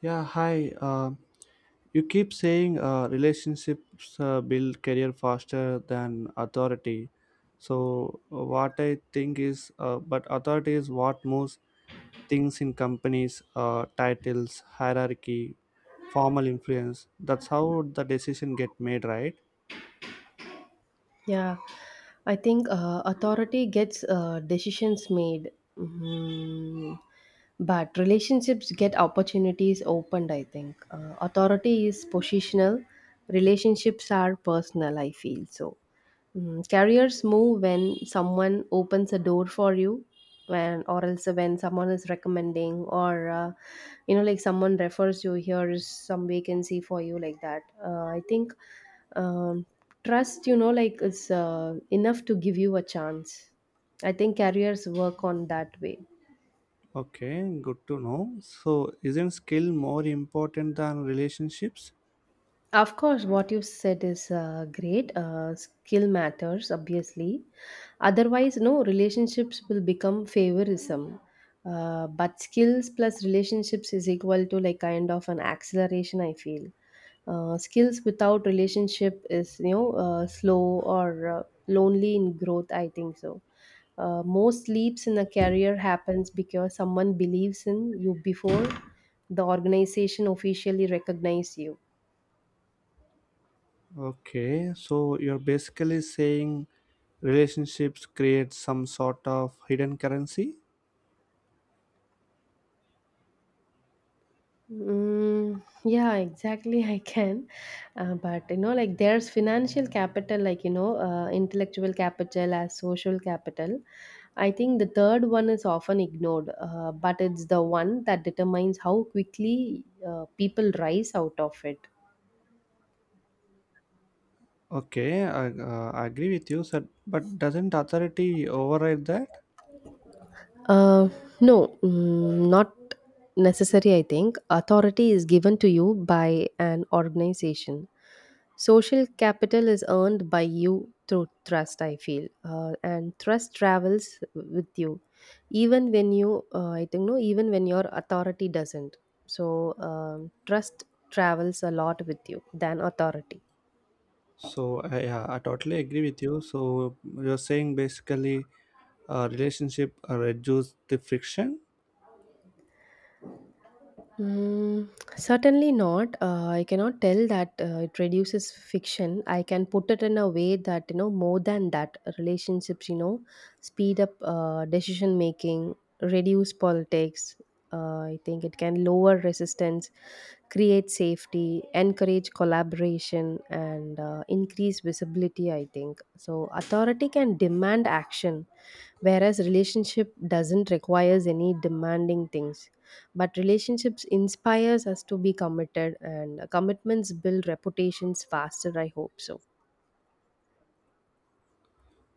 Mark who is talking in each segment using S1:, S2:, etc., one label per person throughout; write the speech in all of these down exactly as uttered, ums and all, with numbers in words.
S1: Yeah, hi. Uh, you keep saying uh, relationships uh, build career faster than authority. So uh, what I think is, uh, but authority is what moves things in companies, uh, titles, hierarchy, formal influence. That's how the decision get made, right?
S2: Yeah, I think uh, authority gets uh, decisions made. Mhm. But relationships get opportunities opened. I think uh, authority is positional, relationships are personal. I feel so. Mm, careers move when someone opens a door for you when or else when someone is recommending or uh, you know like someone refers you, here is some vacancy for you, like that uh, I think, um, trust you know like is uh, enough to give you a chance. I think careers work on that way.
S1: Okay, good to know. So isn't skill more important than relationships?
S2: Of course, what you said is uh, great. Uh, skill matters, obviously. Otherwise, no, relationships will become favorism. Uh, but skills plus relationships is equal to like kind of an acceleration, I feel. Uh, skills without relationship is, you know, uh, slow or uh, lonely in growth, I think so. Uh, most leaps in a career happens because someone believes in you before the organization officially recognizes you.
S1: Okay, so you're basically saying relationships create some sort of hidden currency.
S2: Mm, yeah, exactly. I can, uh, but you know, like there's financial capital, like you know, uh, intellectual capital as social capital. I think the third one is often ignored, uh, but it's the one that determines how quickly uh, people rise out of it.
S1: Okay, i, uh, I agree with you, sir, but doesn't authority override that?
S2: Uh, no, mm, not necessary, I think. Authority is given to you by an organization. Social capital is earned by you through trust, I feel. Uh, and trust travels with you, even when you, uh, I think, no, even when your authority doesn't. So, um, trust travels a lot with you than authority.
S1: So I- yeah i totally agree with you. So you're saying basically, uh, relationship uh, reduce the friction.
S2: Mm, certainly not. Uh, I cannot tell that uh, it reduces fiction. I can put it in a way that, you know, more than that, relationships, you know, speed up uh, decision making, reduce politics. Uh, I think it can lower resistance, create safety, encourage collaboration, and uh, increase visibility. I think so. Authority can demand action, whereas relationship doesn't requires any demanding things, but relationships inspires us to be committed, and commitments build reputations faster, I hope so.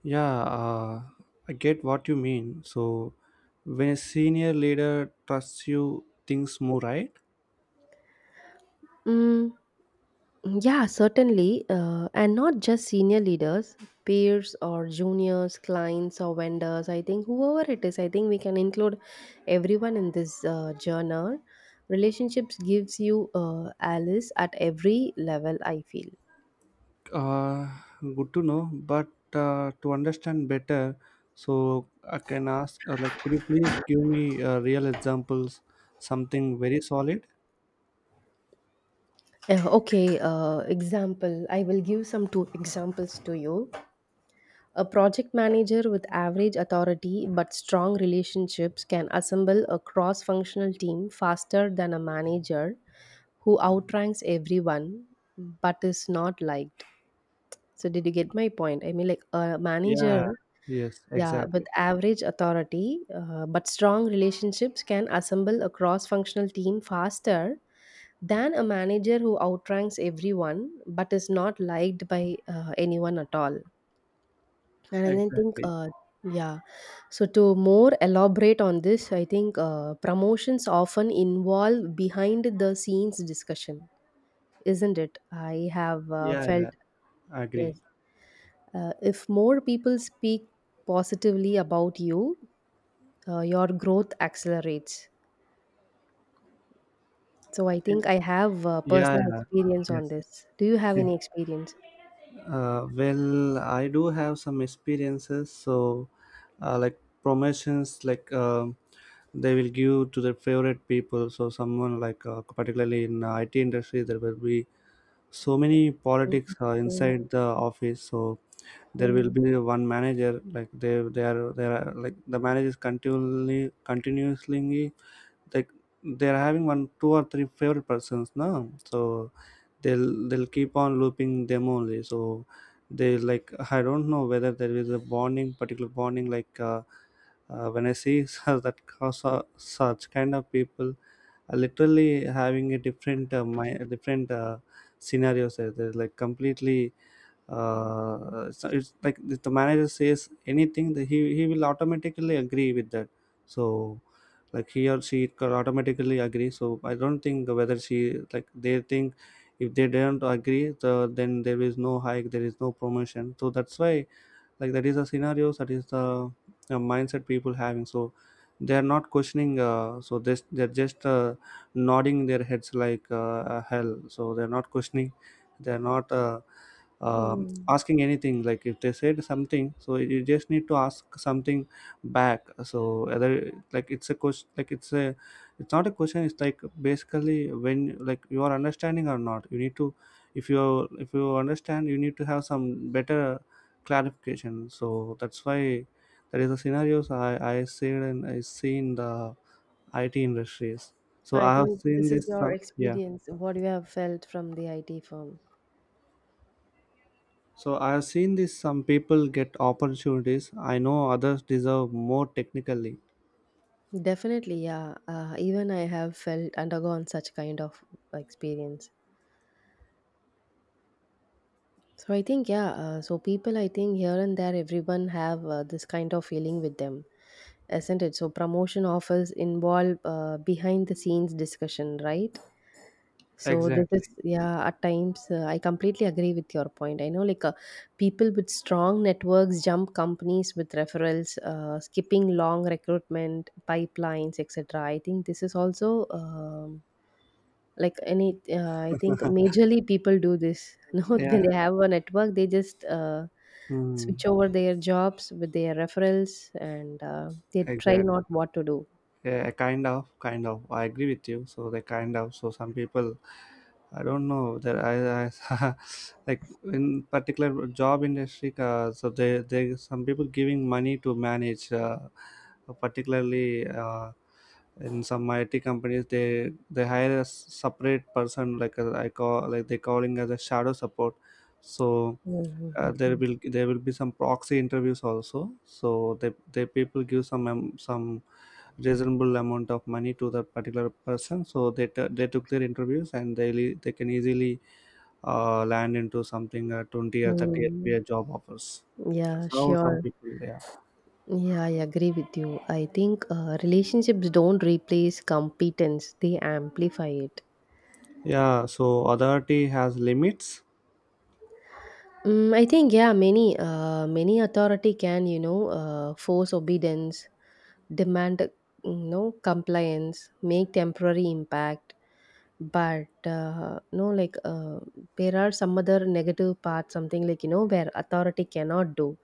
S1: Yeah uh, I get what you mean. So when a senior leader trusts you, things move, right?
S2: Mm, yeah, certainly. Uh, and not just senior leaders, peers or juniors, clients or vendors. I think whoever it is, I think we can include everyone in this uh, journal. Relationships gives you uh, Alice at every level, I feel.
S1: Uh, Good to know, but uh, to understand better, so I can ask, uh, like, could you please give me uh, real examples, something very solid?
S2: Uh, okay, uh, example. I will give some two examples to you. A project manager with average authority but strong relationships can assemble a cross functional team faster than a manager who outranks everyone but is not liked. So, did you get my point? I mean, like a
S1: Yeah.
S2: manager,
S1: Yes,
S2: yeah, with
S1: exactly.
S2: average authority uh, but strong relationships can assemble a cross functional team faster than a manager who outranks everyone but is not liked by uh, anyone at all. And I think,
S1: Exactly.
S2: uh, yeah. So to more elaborate on this, I think uh, promotions often involve behind the scenes discussion, isn't it? I have uh,
S1: Yeah,
S2: felt
S1: yeah, I agree.
S2: yes. Uh, if more people speak positively about you, uh, your growth accelerates. So I think I have uh,
S1: Yeah,
S2: personal
S1: yeah.
S2: experience on
S1: Yes.
S2: this. Do you have any experience?
S1: Uh, well, I do have some experiences. So, uh, like promotions, like um they will give to their favorite people. So, someone like uh, particularly in I T industry, there will be so many politics
S2: Mhm,
S1: uh, inside the office, so there will
S2: mhm,
S1: be one manager, like they they are they are like the managers continually continuously, like they are having one two or three favorite persons now, so they'll they'll keep on looping them only, so they like I don't know whether there is a bonding, particular bonding, like uh, uh, when I see such that cause uh, such kind of people, uh, literally having a different, uh, my different, uh, scenarios, uh, they're like completely, uh, so it's like if the manager says anything, the, he he will automatically agree with that, so like he or she could automatically agree. So I don't think whether she, like they think, if they don't agree the, then there is no hike, there is no promotion, so that's why, like that is a scenario, that is the uh, mindset people having, so they are not questioning, uh, so this they're just uh, nodding their heads like uh, uh, hell, so they're not questioning, they're not uh, um
S2: mhm.
S1: asking anything. Like, if they said something, so you just need to ask something back, so either like it's a question, like it's a, it's not a question, it's like basically, when like you are understanding or not, you need to, if you if you understand, you need to have some better clarification. So that's why there is a scenarios I I seen, and I seen the I T industries. So
S2: I
S1: I have
S2: think
S1: seen
S2: this is
S1: this. Uh,
S2: your
S1: yeah.
S2: experience. What you have felt from the I T firm.
S1: So I have seen this. Some people get opportunities. I know others deserve more technically.
S2: Definitely, yeah. Uh, even I have felt undergone such kind of experience. So I think, yeah. Uh, so people, I think here and there, everyone have uh, this kind of feeling with them, isn't it? So promotion offers involve uh, behind the scenes discussion, right? So this is,
S1: Exactly.
S2: yeah. At times, uh, I completely agree with your point. I know, like uh, people with strong networks jump companies with referrals, uh, skipping long recruitment pipelines, et cetera. I think this is also. Um, Like any, uh, I think majorly people do this. No,
S1: Yeah.
S2: when they have a network, they just uh,
S1: Hmm.
S2: switch over their jobs with their referrals, and uh, they try
S1: Exactly.
S2: not what to do.
S1: Yeah, kind of, kind of. I agree with you. So they kind of. So some people, I don't know. There, I, I like in particular job industry. Uh, so they, they some people giving money to manage, uh, particularly uh, in some I T companies. They they hire a s- separate person, like uh, I call like they calling as a shadow support. So uh, there
S2: Mhm.
S1: will there will be some proxy interviews also, so they they people give some am- some reasonable amount of money to that particular person, so they t- they took their interviews, and they le- they can easily uh, land into something uh, twenty or thirty
S2: Mm.
S1: F P A job offers.
S2: Yeah,
S1: That's how some
S2: sure.
S1: people. Yeah.
S2: Yeah, I agree with you. I think uh, relationships don't replace competence, they amplify it.
S1: Yeah, so authority has limits.
S2: Mm, I think yeah, many uh, many authority can you know uh, force obedience, demand you know compliance, make temporary impact, but uh, no like uh, there are some other negative parts, something like you know where authority cannot do.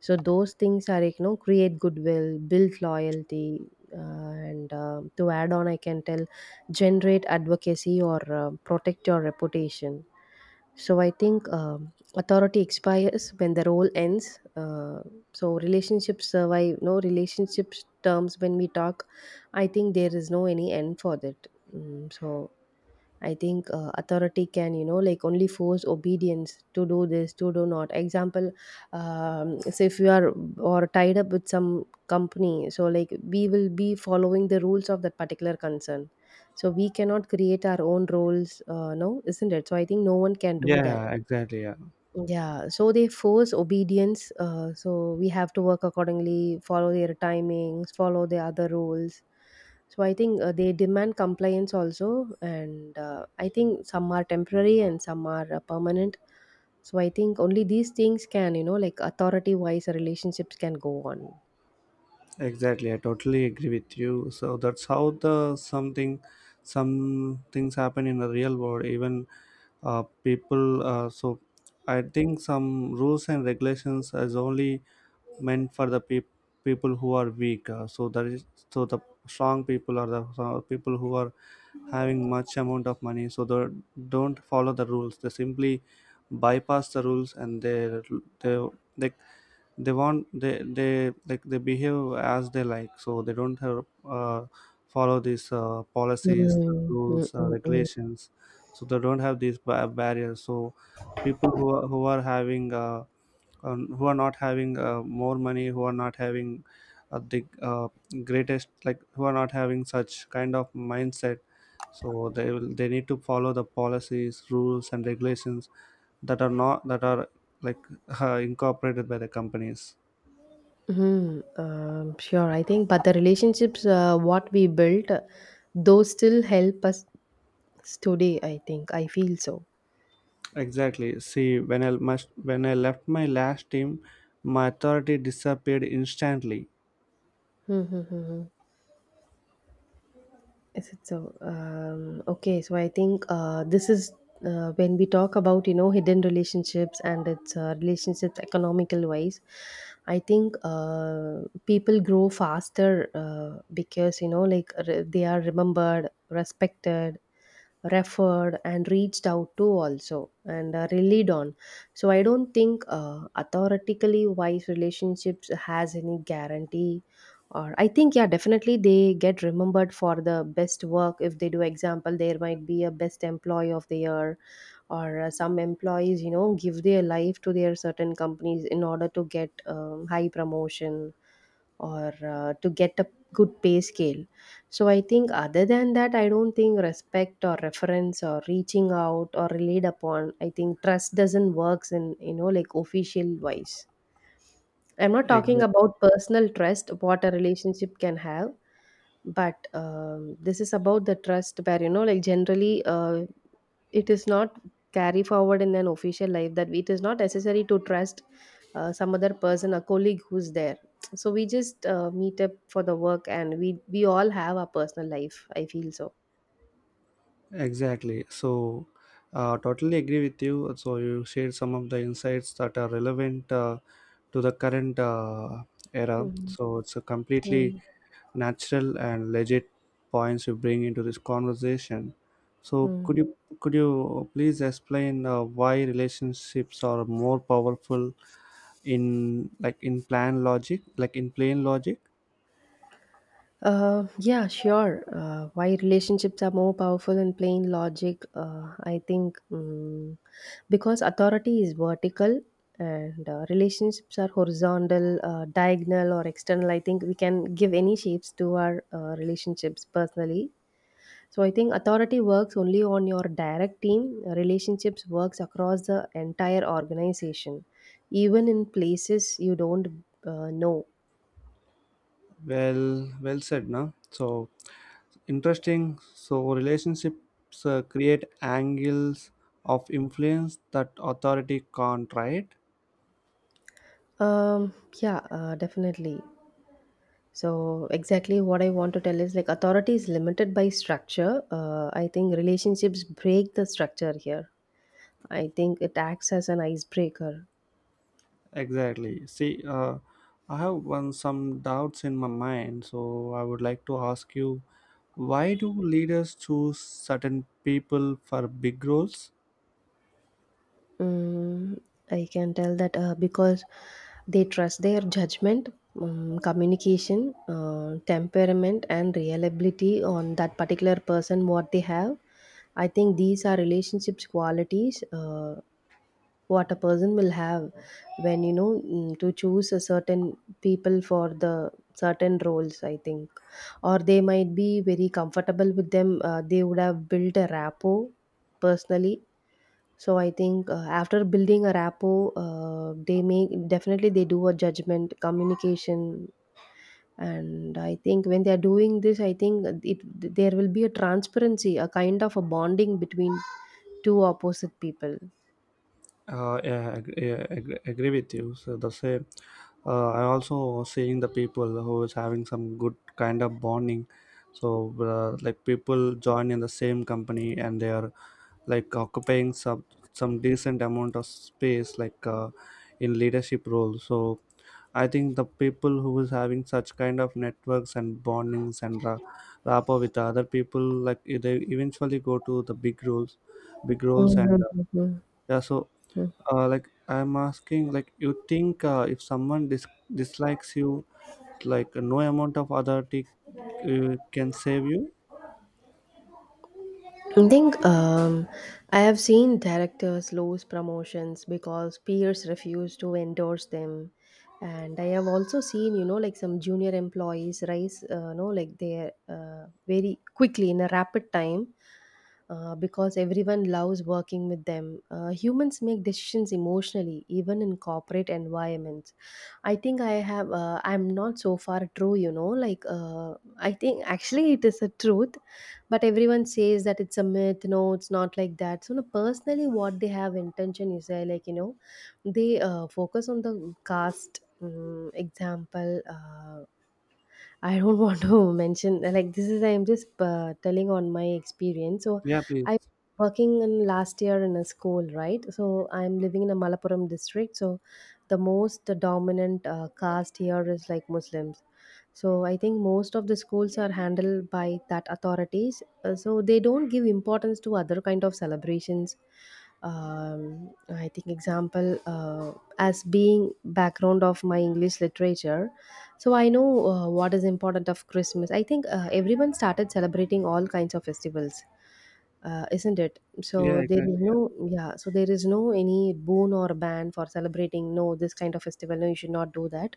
S2: So those things are like, you know, create goodwill, build loyalty, uh, and uh, to add on, I can tell, generate advocacy or uh, protect your reputation. So I think um, authority expires when the role ends. Uh, so relationships survive. No, relationships terms when we talk, I think there is no any end for that. Mm, so I think uh, authority can you know like only force obedience to do this to do not example, um, so if you are or tied up with some company, so like we will be following the rules of that particular concern, so we cannot create our own rules, uh, no, isn't it, so I think no one can
S1: Yeah.
S2: do that.
S1: Yeah, exactly. Yeah.
S2: Yeah, so they force obedience. Uh, so we have to work accordingly, follow their timings, follow the other rules. So I think uh, they demand compliance also, and uh, I think some are temporary and some are uh, permanent. So I think only these things can, you know, like authority-wise relationships can go on.
S1: Exactly, I totally agree with you. So that's how the something, some things happen in the real world, even uh, people, uh, so I think some rules and regulations is only meant for the peop people who are weak, uh, so that is, so the strong people are the, so people who are having much amount of money, so they don't follow the rules, they simply bypass the rules, and they they, they they want, they they like they behave as they like, so they don't have uh, follow these uh, policies,
S2: Mm, mm,
S1: rules, uh,
S2: mm, mm.
S1: regulations, so they don't have these ba- barriers, so people who are, who are having, uh, um, who are not having uh, more money, who are not having uh, the uh, greatest, like who are not having such kind of mindset, so they will, they need to follow the policies, rules and regulations that are not, that are like uh, incorporated by the companies.
S2: Mhm. Um, sure, I think, but the relationships uh, what we built, uh, those still help us today. I think I feel so.
S1: Exactly. See, when I must, when I left my last team, my authority disappeared instantly.
S2: Hmm. Hmm. Hmm. Hmm. Is it so? Um, okay, so I think uh, this is uh, when we talk about you know hidden relationships and its uh, relationships economical wise. I think uh, people grow faster uh, because you know like re- they are remembered, respected, referred, and reached out to also and uh, relied on. So I don't think uh, authoritatively wise relationships has any guarantee, or I think yeah, definitely they get remembered for the best work if they do example, there might be a best employee of the year, or uh, some employees you know give their life to their certain companies in order to get um, high promotion or uh, to get a good pay scale. So I think other than that, I don't think respect or reference or reaching out or relied upon, I think trust doesn't works in you know like official wise. I'm not talking
S1: Exa-
S2: about personal trust, what a relationship can have, but um, this is about the trust where, you know, like generally uh, it is not carry forward in an official life, that it is not necessary to trust uh, some other person, a colleague who's there. So we just uh, meet up for the work, and we, we all have our personal life. I feel so.
S1: exactly. So, uh, totally agree with you. So you shared some of the insights that are relevant uh, to the current uh, era.
S2: Mhm.
S1: So it's a completely
S2: Mhm.
S1: natural and legit points you bring into this conversation. So could
S2: Mhm.
S1: you could you please explain uh, why relationships are more powerful, in like in plan logic, like in plain logic.
S2: Uh, yeah, sure. Uh, why relationships are more powerful in plain logic, uh, I think um, because authority is vertical and uh, relationships are horizontal, uh, diagonal, or external. I think we can give any shapes to our uh, relationships personally. So I think authority works only on your direct team. Relationships works across the entire organization, even in places you don't uh, know.
S1: Well, well said. Now, so interesting, so relationships uh, create angles of influence that authority can't, right?
S2: Um, yeah, uh, definitely. So exactly what I want to tell is like authority is limited by structure. Uh, I think relationships break the structure here. I think it acts as an icebreaker.
S1: Exactly. See, uh, I have one, some doubts in my mind, so I would like to ask you, why do leaders choose certain people for big roles?
S2: Mm, I can tell that uh, because they trust their judgment, um, communication, uh, temperament, and reliability on that particular person, what they have. I think these are relationships qualities. Uh, what a person will have when you know mm, to choose a certain people for the certain roles, I think, or they might be very comfortable with them. Uh, they would have built a rapport personally. So I think uh, after building a rapport, uh, they make definitely they do a judgment communication. And I think when they are doing this, I think it there will be a transparency, a kind of a bonding between two opposite people.
S1: Uh, yeah, I agree, yeah, I agree, agree with you. So the same. Uh, I also seeing the people who is having some good kind of bonding. So uh, like people join in the same company and they are like occupying some some decent amount of space like uh, in leadership role. So I think the people who is having such kind of networks and bondings and ra- rapport with the other people, like they eventually go to the big roles, big roles, and
S2: Mhm,
S1: uh,
S2: mhm,
S1: yeah. So
S2: mhm.
S1: uh, like I'm asking, like you think uh, if someone dis- dislikes you, like no amount of authority uh, can save you.
S2: I think um, I have seen directors lose promotions because peers refuse to endorse them, and I have also seen you know like some junior employees rise uh, you know like they uh, very quickly in a rapid time uh, because everyone loves working with them. Uh, humans make decisions emotionally even in corporate environments. I think I have, uh, I'm not so far true, you know. Like, uh, I think actually it is a truth, but everyone says that it's a myth. No, it's not like that. So, no, personally, what they have intention is uh, like, you know, they uh, focus on the caste um, example. Uh, I don't want to mention like this is I'm just uh, telling on my experience. So
S1: Yeah, please.
S2: I working in last year in a school, right? So I'm living in a Malappuram district. So the most dominant uh, caste here is like Muslims. So I think most of the schools are handled by that authorities. Uh, so they don't give importance to other kind of celebrations. Um, I think example uh, as being background of my English literature, so I know uh, what is important of Christmas. I think uh, everyone started celebrating all kinds of festivals, uh, isn't it?
S1: Yeah,
S2: So there is
S1: exactly. Yeah.
S2: no, yeah, so there is no any boon or ban for celebrating, no, this kind of festival, no, you should not do that.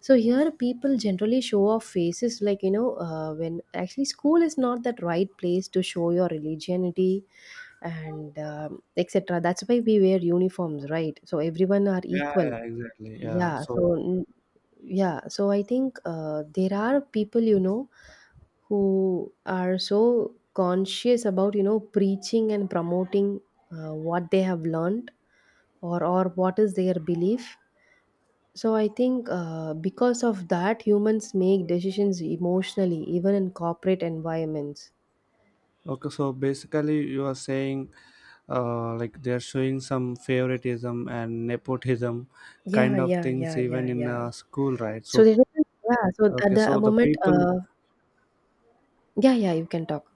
S2: So here people generally show off faces like, you know, uh, when actually school is not that right place to show your religionity and um, et cetera. That's why we wear uniforms, right? So everyone are
S1: Yeah,
S2: equal.
S1: yeah, exactly. Yeah,
S2: Yeah,
S1: so
S2: so yeah, so I think uh, there are people, you know, who are so conscious about, you know, preaching and promoting uh, what they have learned or, or what is their belief. So I think uh, because of that, humans make decisions emotionally, even in corporate environments.
S1: okay, so basically you are saying uh, like they're showing some favoritism and nepotism
S2: Yeah,
S1: kind of
S2: yeah,
S1: things
S2: yeah,
S1: even
S2: yeah,
S1: in
S2: yeah.
S1: uh, school, right?
S2: So
S1: So
S2: there is, yeah, so at
S1: okay,
S2: the
S1: so the
S2: moment,
S1: people.
S2: uh, yeah, yeah, you can talk.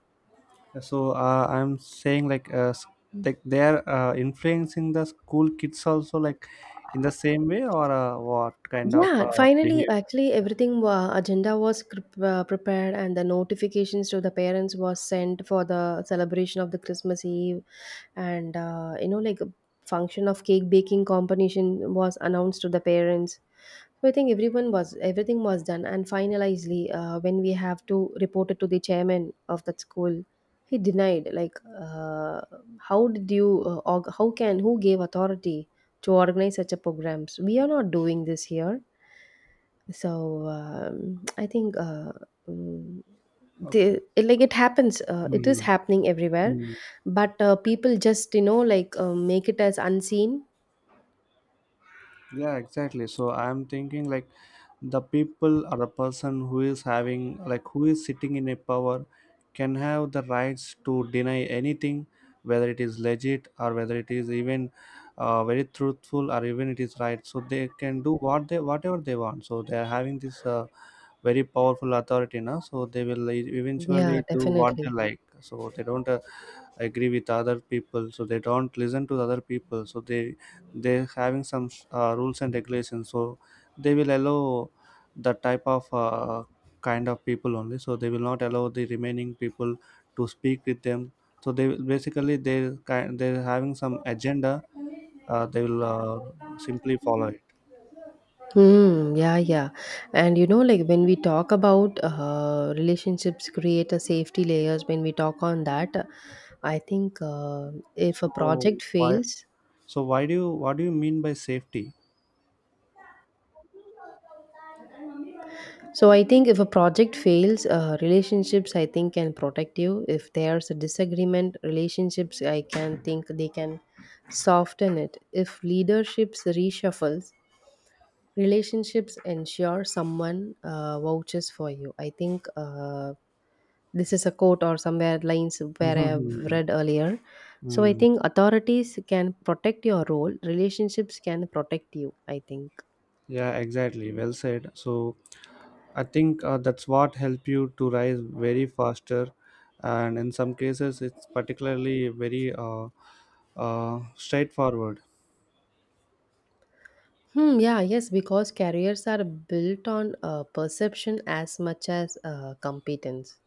S1: Yeah, so uh, I'm saying like uh, s- like they are uh, influencing the school kids also, like in the same way, or uh, what kind of
S2: Yeah,
S1: uh,
S2: finally,
S1: behavior?
S2: actually,
S1: Yeah.
S2: everything wa agenda was cr- uh, prepared, and the notifications to the parents was sent for the celebration of the Christmas Eve, and uh, you know, like a function of cake baking competition was announced to the parents. So I think everyone was everything was done, and finally, uh, when we have to report it to the chairman of that school, he denied. Like, uh, how did you? Uh, org- how can? Who gave authority to organize such a programs? We are not doing this here. So um, I think uh, mm,
S1: Okay.
S2: the, it, like it happens uh, it
S1: Mm.
S2: is happening everywhere,
S1: Mm.
S2: but uh, people just you know like uh, make it as unseen.
S1: Yeah, exactly. So I'm thinking, like the people or the person who is having, like who is sitting in a power, can have the rights to deny anything, whether it is legit or whether it is even uh, very truthful, or even it is right. So they can do what they, whatever they want. So they are having this uh, very powerful authority now, so they will e-
S2: Yeah,
S1: eventually do what they
S2: definitely.
S1: like. So they don't uh, agree with other people, so they don't listen to the other people, so they they having some uh, rules and regulations, so they will allow the type of uh, kind of people only, so they will not allow the remaining people to speak with them, so they will- basically they kind, they're having some agenda, uh, they will uh, simply follow it.
S2: Hmm. Yeah. Yeah. And you know, like when we talk about uh, relationships, create a safety layers. When we talk on that, I think uh, if a
S1: So
S2: project
S1: why,
S2: fails,
S1: so why do you, what do you mean by safety?
S2: So I think if a project fails, uh, relationships I think can protect you. If there's a disagreement, relationships I can think they can soften it. If leaderships reshuffles, relationships ensure someone uh, vouches for you. I think uh, this is a quote or somewhere lines where I have
S1: Mhm.
S2: read earlier. So I
S1: Mm.
S2: think authorities can protect your role. Relationships can protect you. I think.
S1: Yeah, exactly. Well said. So I think uh, that's what help you to rise very faster, and in some cases, it's particularly very uh, uh, straightforward.
S2: Hmm, yeah, yes, because careers are built on uh, perception as much as uh, competence.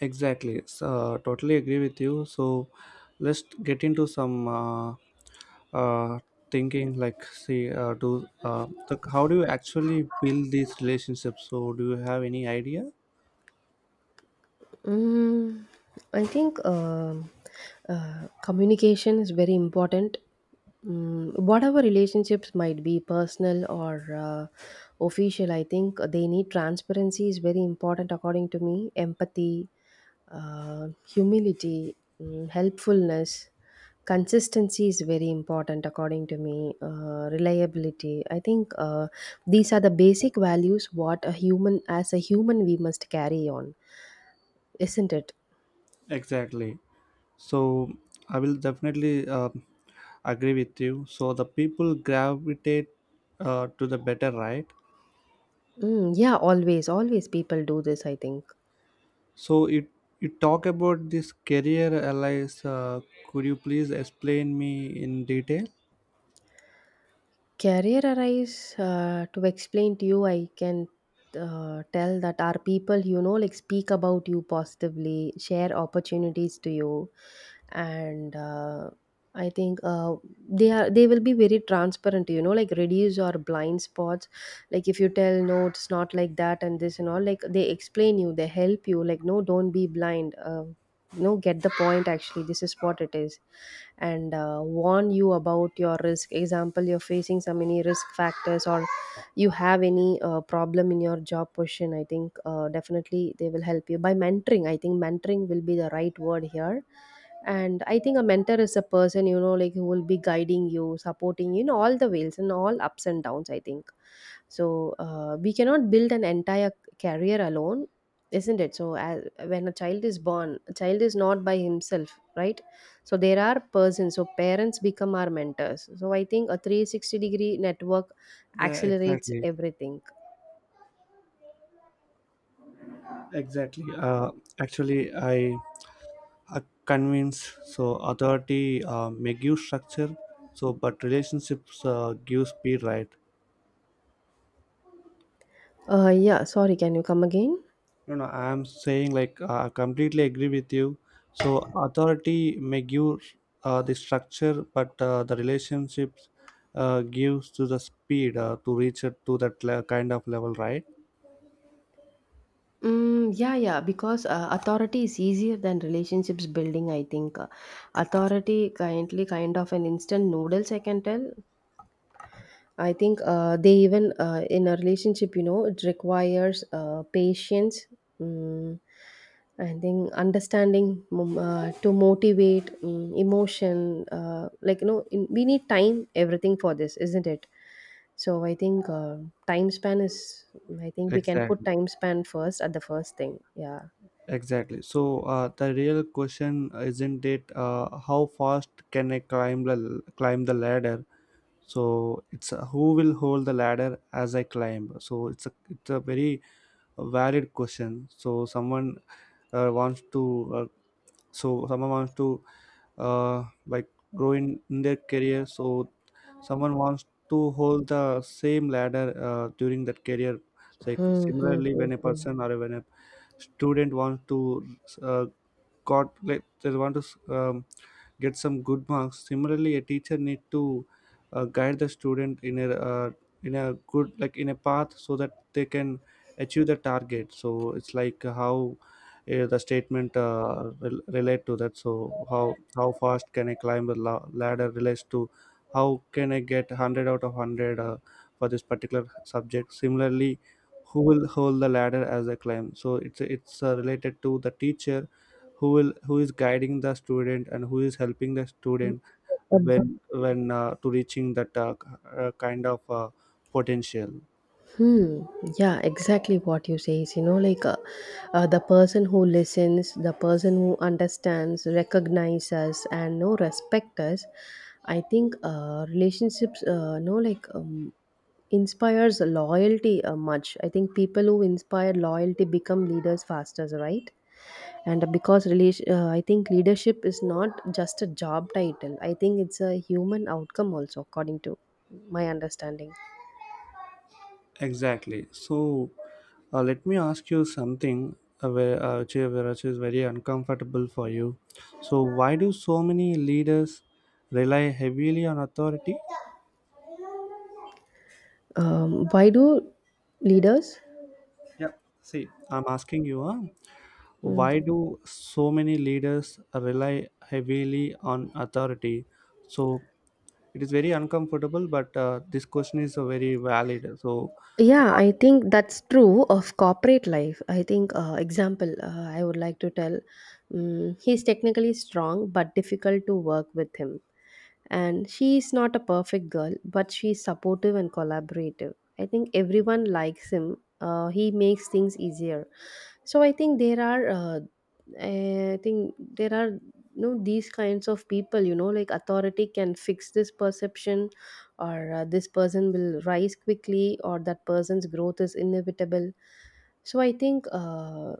S1: Exactly. So, totally agree with you. So let's get into some uh, uh, thinking. Like, see, uh, do uh, the, how do you actually build these relationships? So, do you have any idea?
S2: Mm, I think um uh, communication is very important. Mm, whatever relationships might be personal or uh, official, I think they need transparency is very important according to me. Empathy, uh, humility, mm, helpfulness. Consistency is very important, according to me. Uh, reliability. I think uh, these are the basic values what a human, as a human, we must carry on, isn't it?
S1: Exactly. So I will definitely uh, agree with you, so the people gravitate uh, to the better, right?
S2: Mm, yeah, always, always people do this. I think.
S1: So it, you talk about this career allies, uh, could you please explain me in detail?
S2: Career arise uh, to explain to you, I can uh, tell that our people, you know, like speak about you positively, share opportunities to you, and uh, I think uh, they are they will be very transparent. You know, like reduce your blind spots. Like if you tell no, it's not like that and this and all. Like they explain you, they help you. Like no, don't be blind. Uh, no, get the point. Actually, this is what it is, and uh, warn you about your risk example you're facing some any risk factors or you have any uh, problem in your job position. I think uh, definitely they will help you by mentoring. I think mentoring will be the right word here, and I think a mentor is a person, you know like who will be guiding you, supporting you in all the ways and all ups and downs, I think. So uh, we cannot build an entire career alone, isn't it? So as, when a child is born, a child is not by himself, right? So there are persons, so parents become our mentors. So I think a three sixty degree network
S1: Yeah,
S2: accelerates
S1: exactly.
S2: everything.
S1: Exactly. Uh, actually, I uh, convince, so authority uh, may give structure, so but relationships uh, give speed, right?
S2: Uh, yeah, sorry, can you come again?
S1: No, no, I'm saying like uh, I completely agree with you. So authority may give uh, the structure, but uh, the relationships uh, gives to the speed uh, to reach it to that le- kind of level, right?
S2: Mm, yeah, yeah, because uh, authority is easier than relationships building, I think. Uh, authority kindly kind of an instant noodles, I can tell. I think uh, they even uh, in a relationship, you know, it requires uh, patience. Mm, I think understanding mm, uh, to motivate mm, emotion, uh, like you know, in, we need time, everything for this, isn't it? So I think uh, time span is. I think we can put
S1: Exactly.
S2: time span first at the first thing. Yeah.
S1: Exactly. So uh, the real question isn't it, uh, how fast can I climb the climb the ladder? So it's uh, who will hold the ladder as I climb. So it's a it's a very valid question. So someone uh, wants to, uh, so someone wants to, uh, like grow in, in their career, so someone wants to hold the same ladder uh, during that career, like
S2: Hmm. Hmm,
S1: similarly when a
S2: hmm,
S1: person or when a student wants to uh, got, like they want to um, get some good marks, similarly a teacher need to uh, guide the student in a, uh, in a good, like in a path, so that they can achieve the target. So it's like how uh, the statement uh, rel- relate to that. So how how fast can I climb a la- ladder relates to how can I get one hundred out of one hundred uh, for this particular subject, similarly who will hold the ladder as I climb. So it's it's uh, related to the teacher who will, who is guiding the student and who is helping the student,
S2: hmm.
S1: when when uh, to reaching that uh, k- uh, kind of uh, potential.
S2: Hmm. Yeah, exactly what you say is, you know, like uh, uh, the person who listens, the person who understands, recognizes us, and no respect us. I think uh, relationships, uh, no, like um, inspires loyalty uh, much. I think people who inspire loyalty become leaders faster, right? And because relation, uh, I think leadership is not just a job title. I think it's a human outcome also, according to my understanding.
S1: Exactly. So uh, let me ask you something uh, where, uh, which is which is very uncomfortable for you. So why do so many leaders rely heavily on authority?
S2: Um, why do leaders?
S1: Yeah, see, I'm asking you, huh?
S2: Mm.
S1: Why do so many leaders rely heavily on authority? So it is very uncomfortable, but uh, this question is uh, very valid. So,
S2: Yeah,
S1: what-
S2: I think that's true of corporate life. I think, uh, example, uh, I would like to tell um, he's technically strong but difficult to work with him. And she is not a perfect girl, but she's supportive and collaborative. I think everyone likes him. Uh, he makes things easier. So I think there are, uh, I think there are, you know, these kinds of people. You know, like authority can fix this perception or uh, this person will rise quickly or that person's growth is inevitable. So I think uh,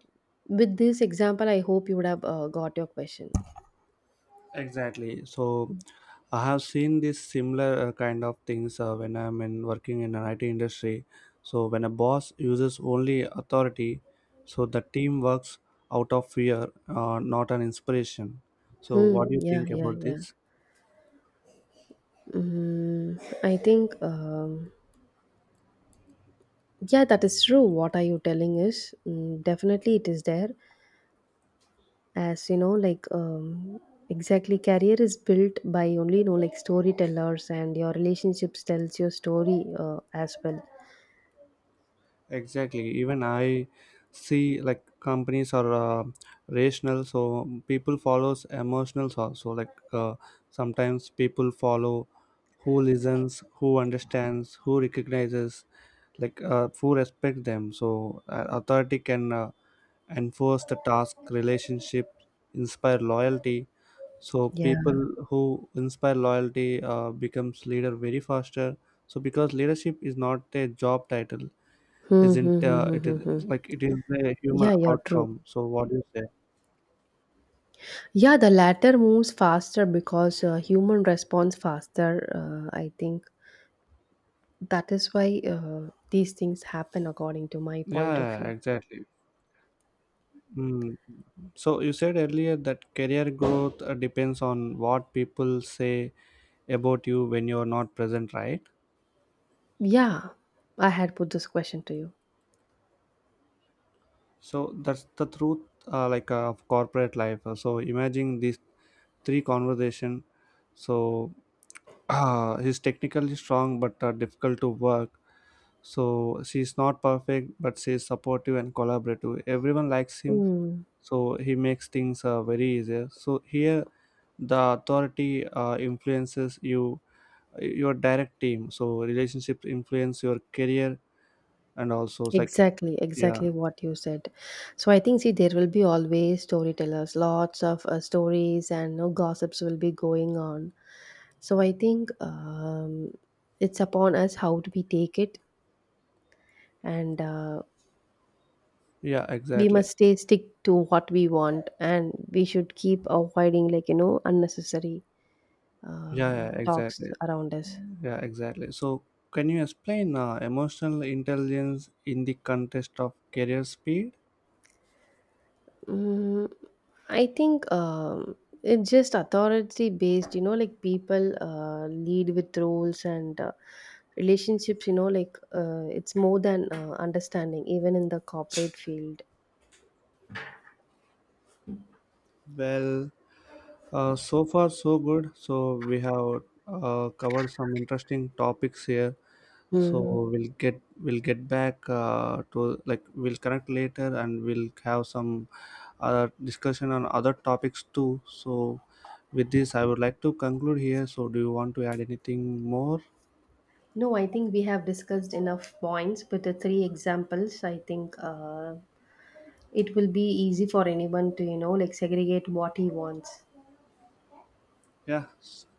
S2: with this example I hope you would have uh, got your question.
S1: exactly. So, I have seen this similar uh, kind of things uh, when I'm in working in an I T industry. So, when a boss uses only authority, so the team works out of fear, uh, not an inspiration. So,
S2: Hmm,
S1: what do you
S2: yeah,
S1: think
S2: yeah,
S1: about
S2: yeah.
S1: this?
S2: Mm, I think um, yeah that is true what are you telling is. Mm, definitely it is there. As you know, like um, exactly career is built by only, you know, like storytellers, and your relationships tells your story uh, as well.
S1: Exactly. Even I see, like companies are uh, rational, so people follows emotionals also, like uh, sometimes people follow who listens, who understands, who recognizes, like uh, who respect them. So uh, authority can uh, enforce the task, relationship inspire loyalty. So
S2: Yeah.
S1: people who inspire loyalty uh, becomes leader very faster, so because leadership is not a job title,
S2: Hmm. Hmm,
S1: isn't uh,
S2: hmm,
S1: it
S2: hmm.
S1: is, like it is a human
S2: Yeah, yeah, true.
S1: outcome. So what do you say?
S2: Yeah, the latter moves faster because uh, human responds faster. Uh, I think that is why uh, these things happen according to my point of
S1: Yeah,
S2: view.
S1: exactly. Mm. So you said earlier that career growth uh, depends on what people say about you when you're not present, right?
S2: Yeah, I had put this question to you.
S1: So that's the truth, uh, like uh, of corporate life. Uh, So imagine these three conversation. So he's technically strong, but uh, difficult to work. So she's not perfect, but she's supportive and collaborative. Everyone likes him,
S2: Mm,
S1: so he makes things uh, very easier. So here the authority uh, influences you, your direct team, so relationships influence your career, and also it's like,
S2: exactly,
S1: yeah.
S2: exactly what you said. So I think, see, there will be always storytellers, lots of uh, stories and no gossips will be going on. So I think um, it's upon us how do we take it, and uh,
S1: Yeah,
S2: we
S1: exactly.
S2: must stay stick to what we want, and we should keep avoiding, like you know unnecessary
S1: Yeah, yeah,
S2: um, talks
S1: exactly.
S2: around us.
S1: Yeah, exactly. So can you explain uh, emotional intelligence in the context of career speed?
S2: Mm, I think um, it's just authority based, you know, like people uh, lead with roles, and uh, relationships, you know, like uh, it's more than uh, understanding even in the corporate field.
S1: Well, uh, so far so good, so we have uh, covered some interesting topics here. So
S2: Hmm.
S1: we'll get we'll get back, uh, to like, we'll connect later, and we'll have some other discussion on other topics too. So with this, I would like to conclude here. So do you want to add anything more?
S2: No, I think we have discussed enough points with the three examples. I think uh, it will be easy for anyone to, you know, like segregate what he wants.
S1: Yeah. So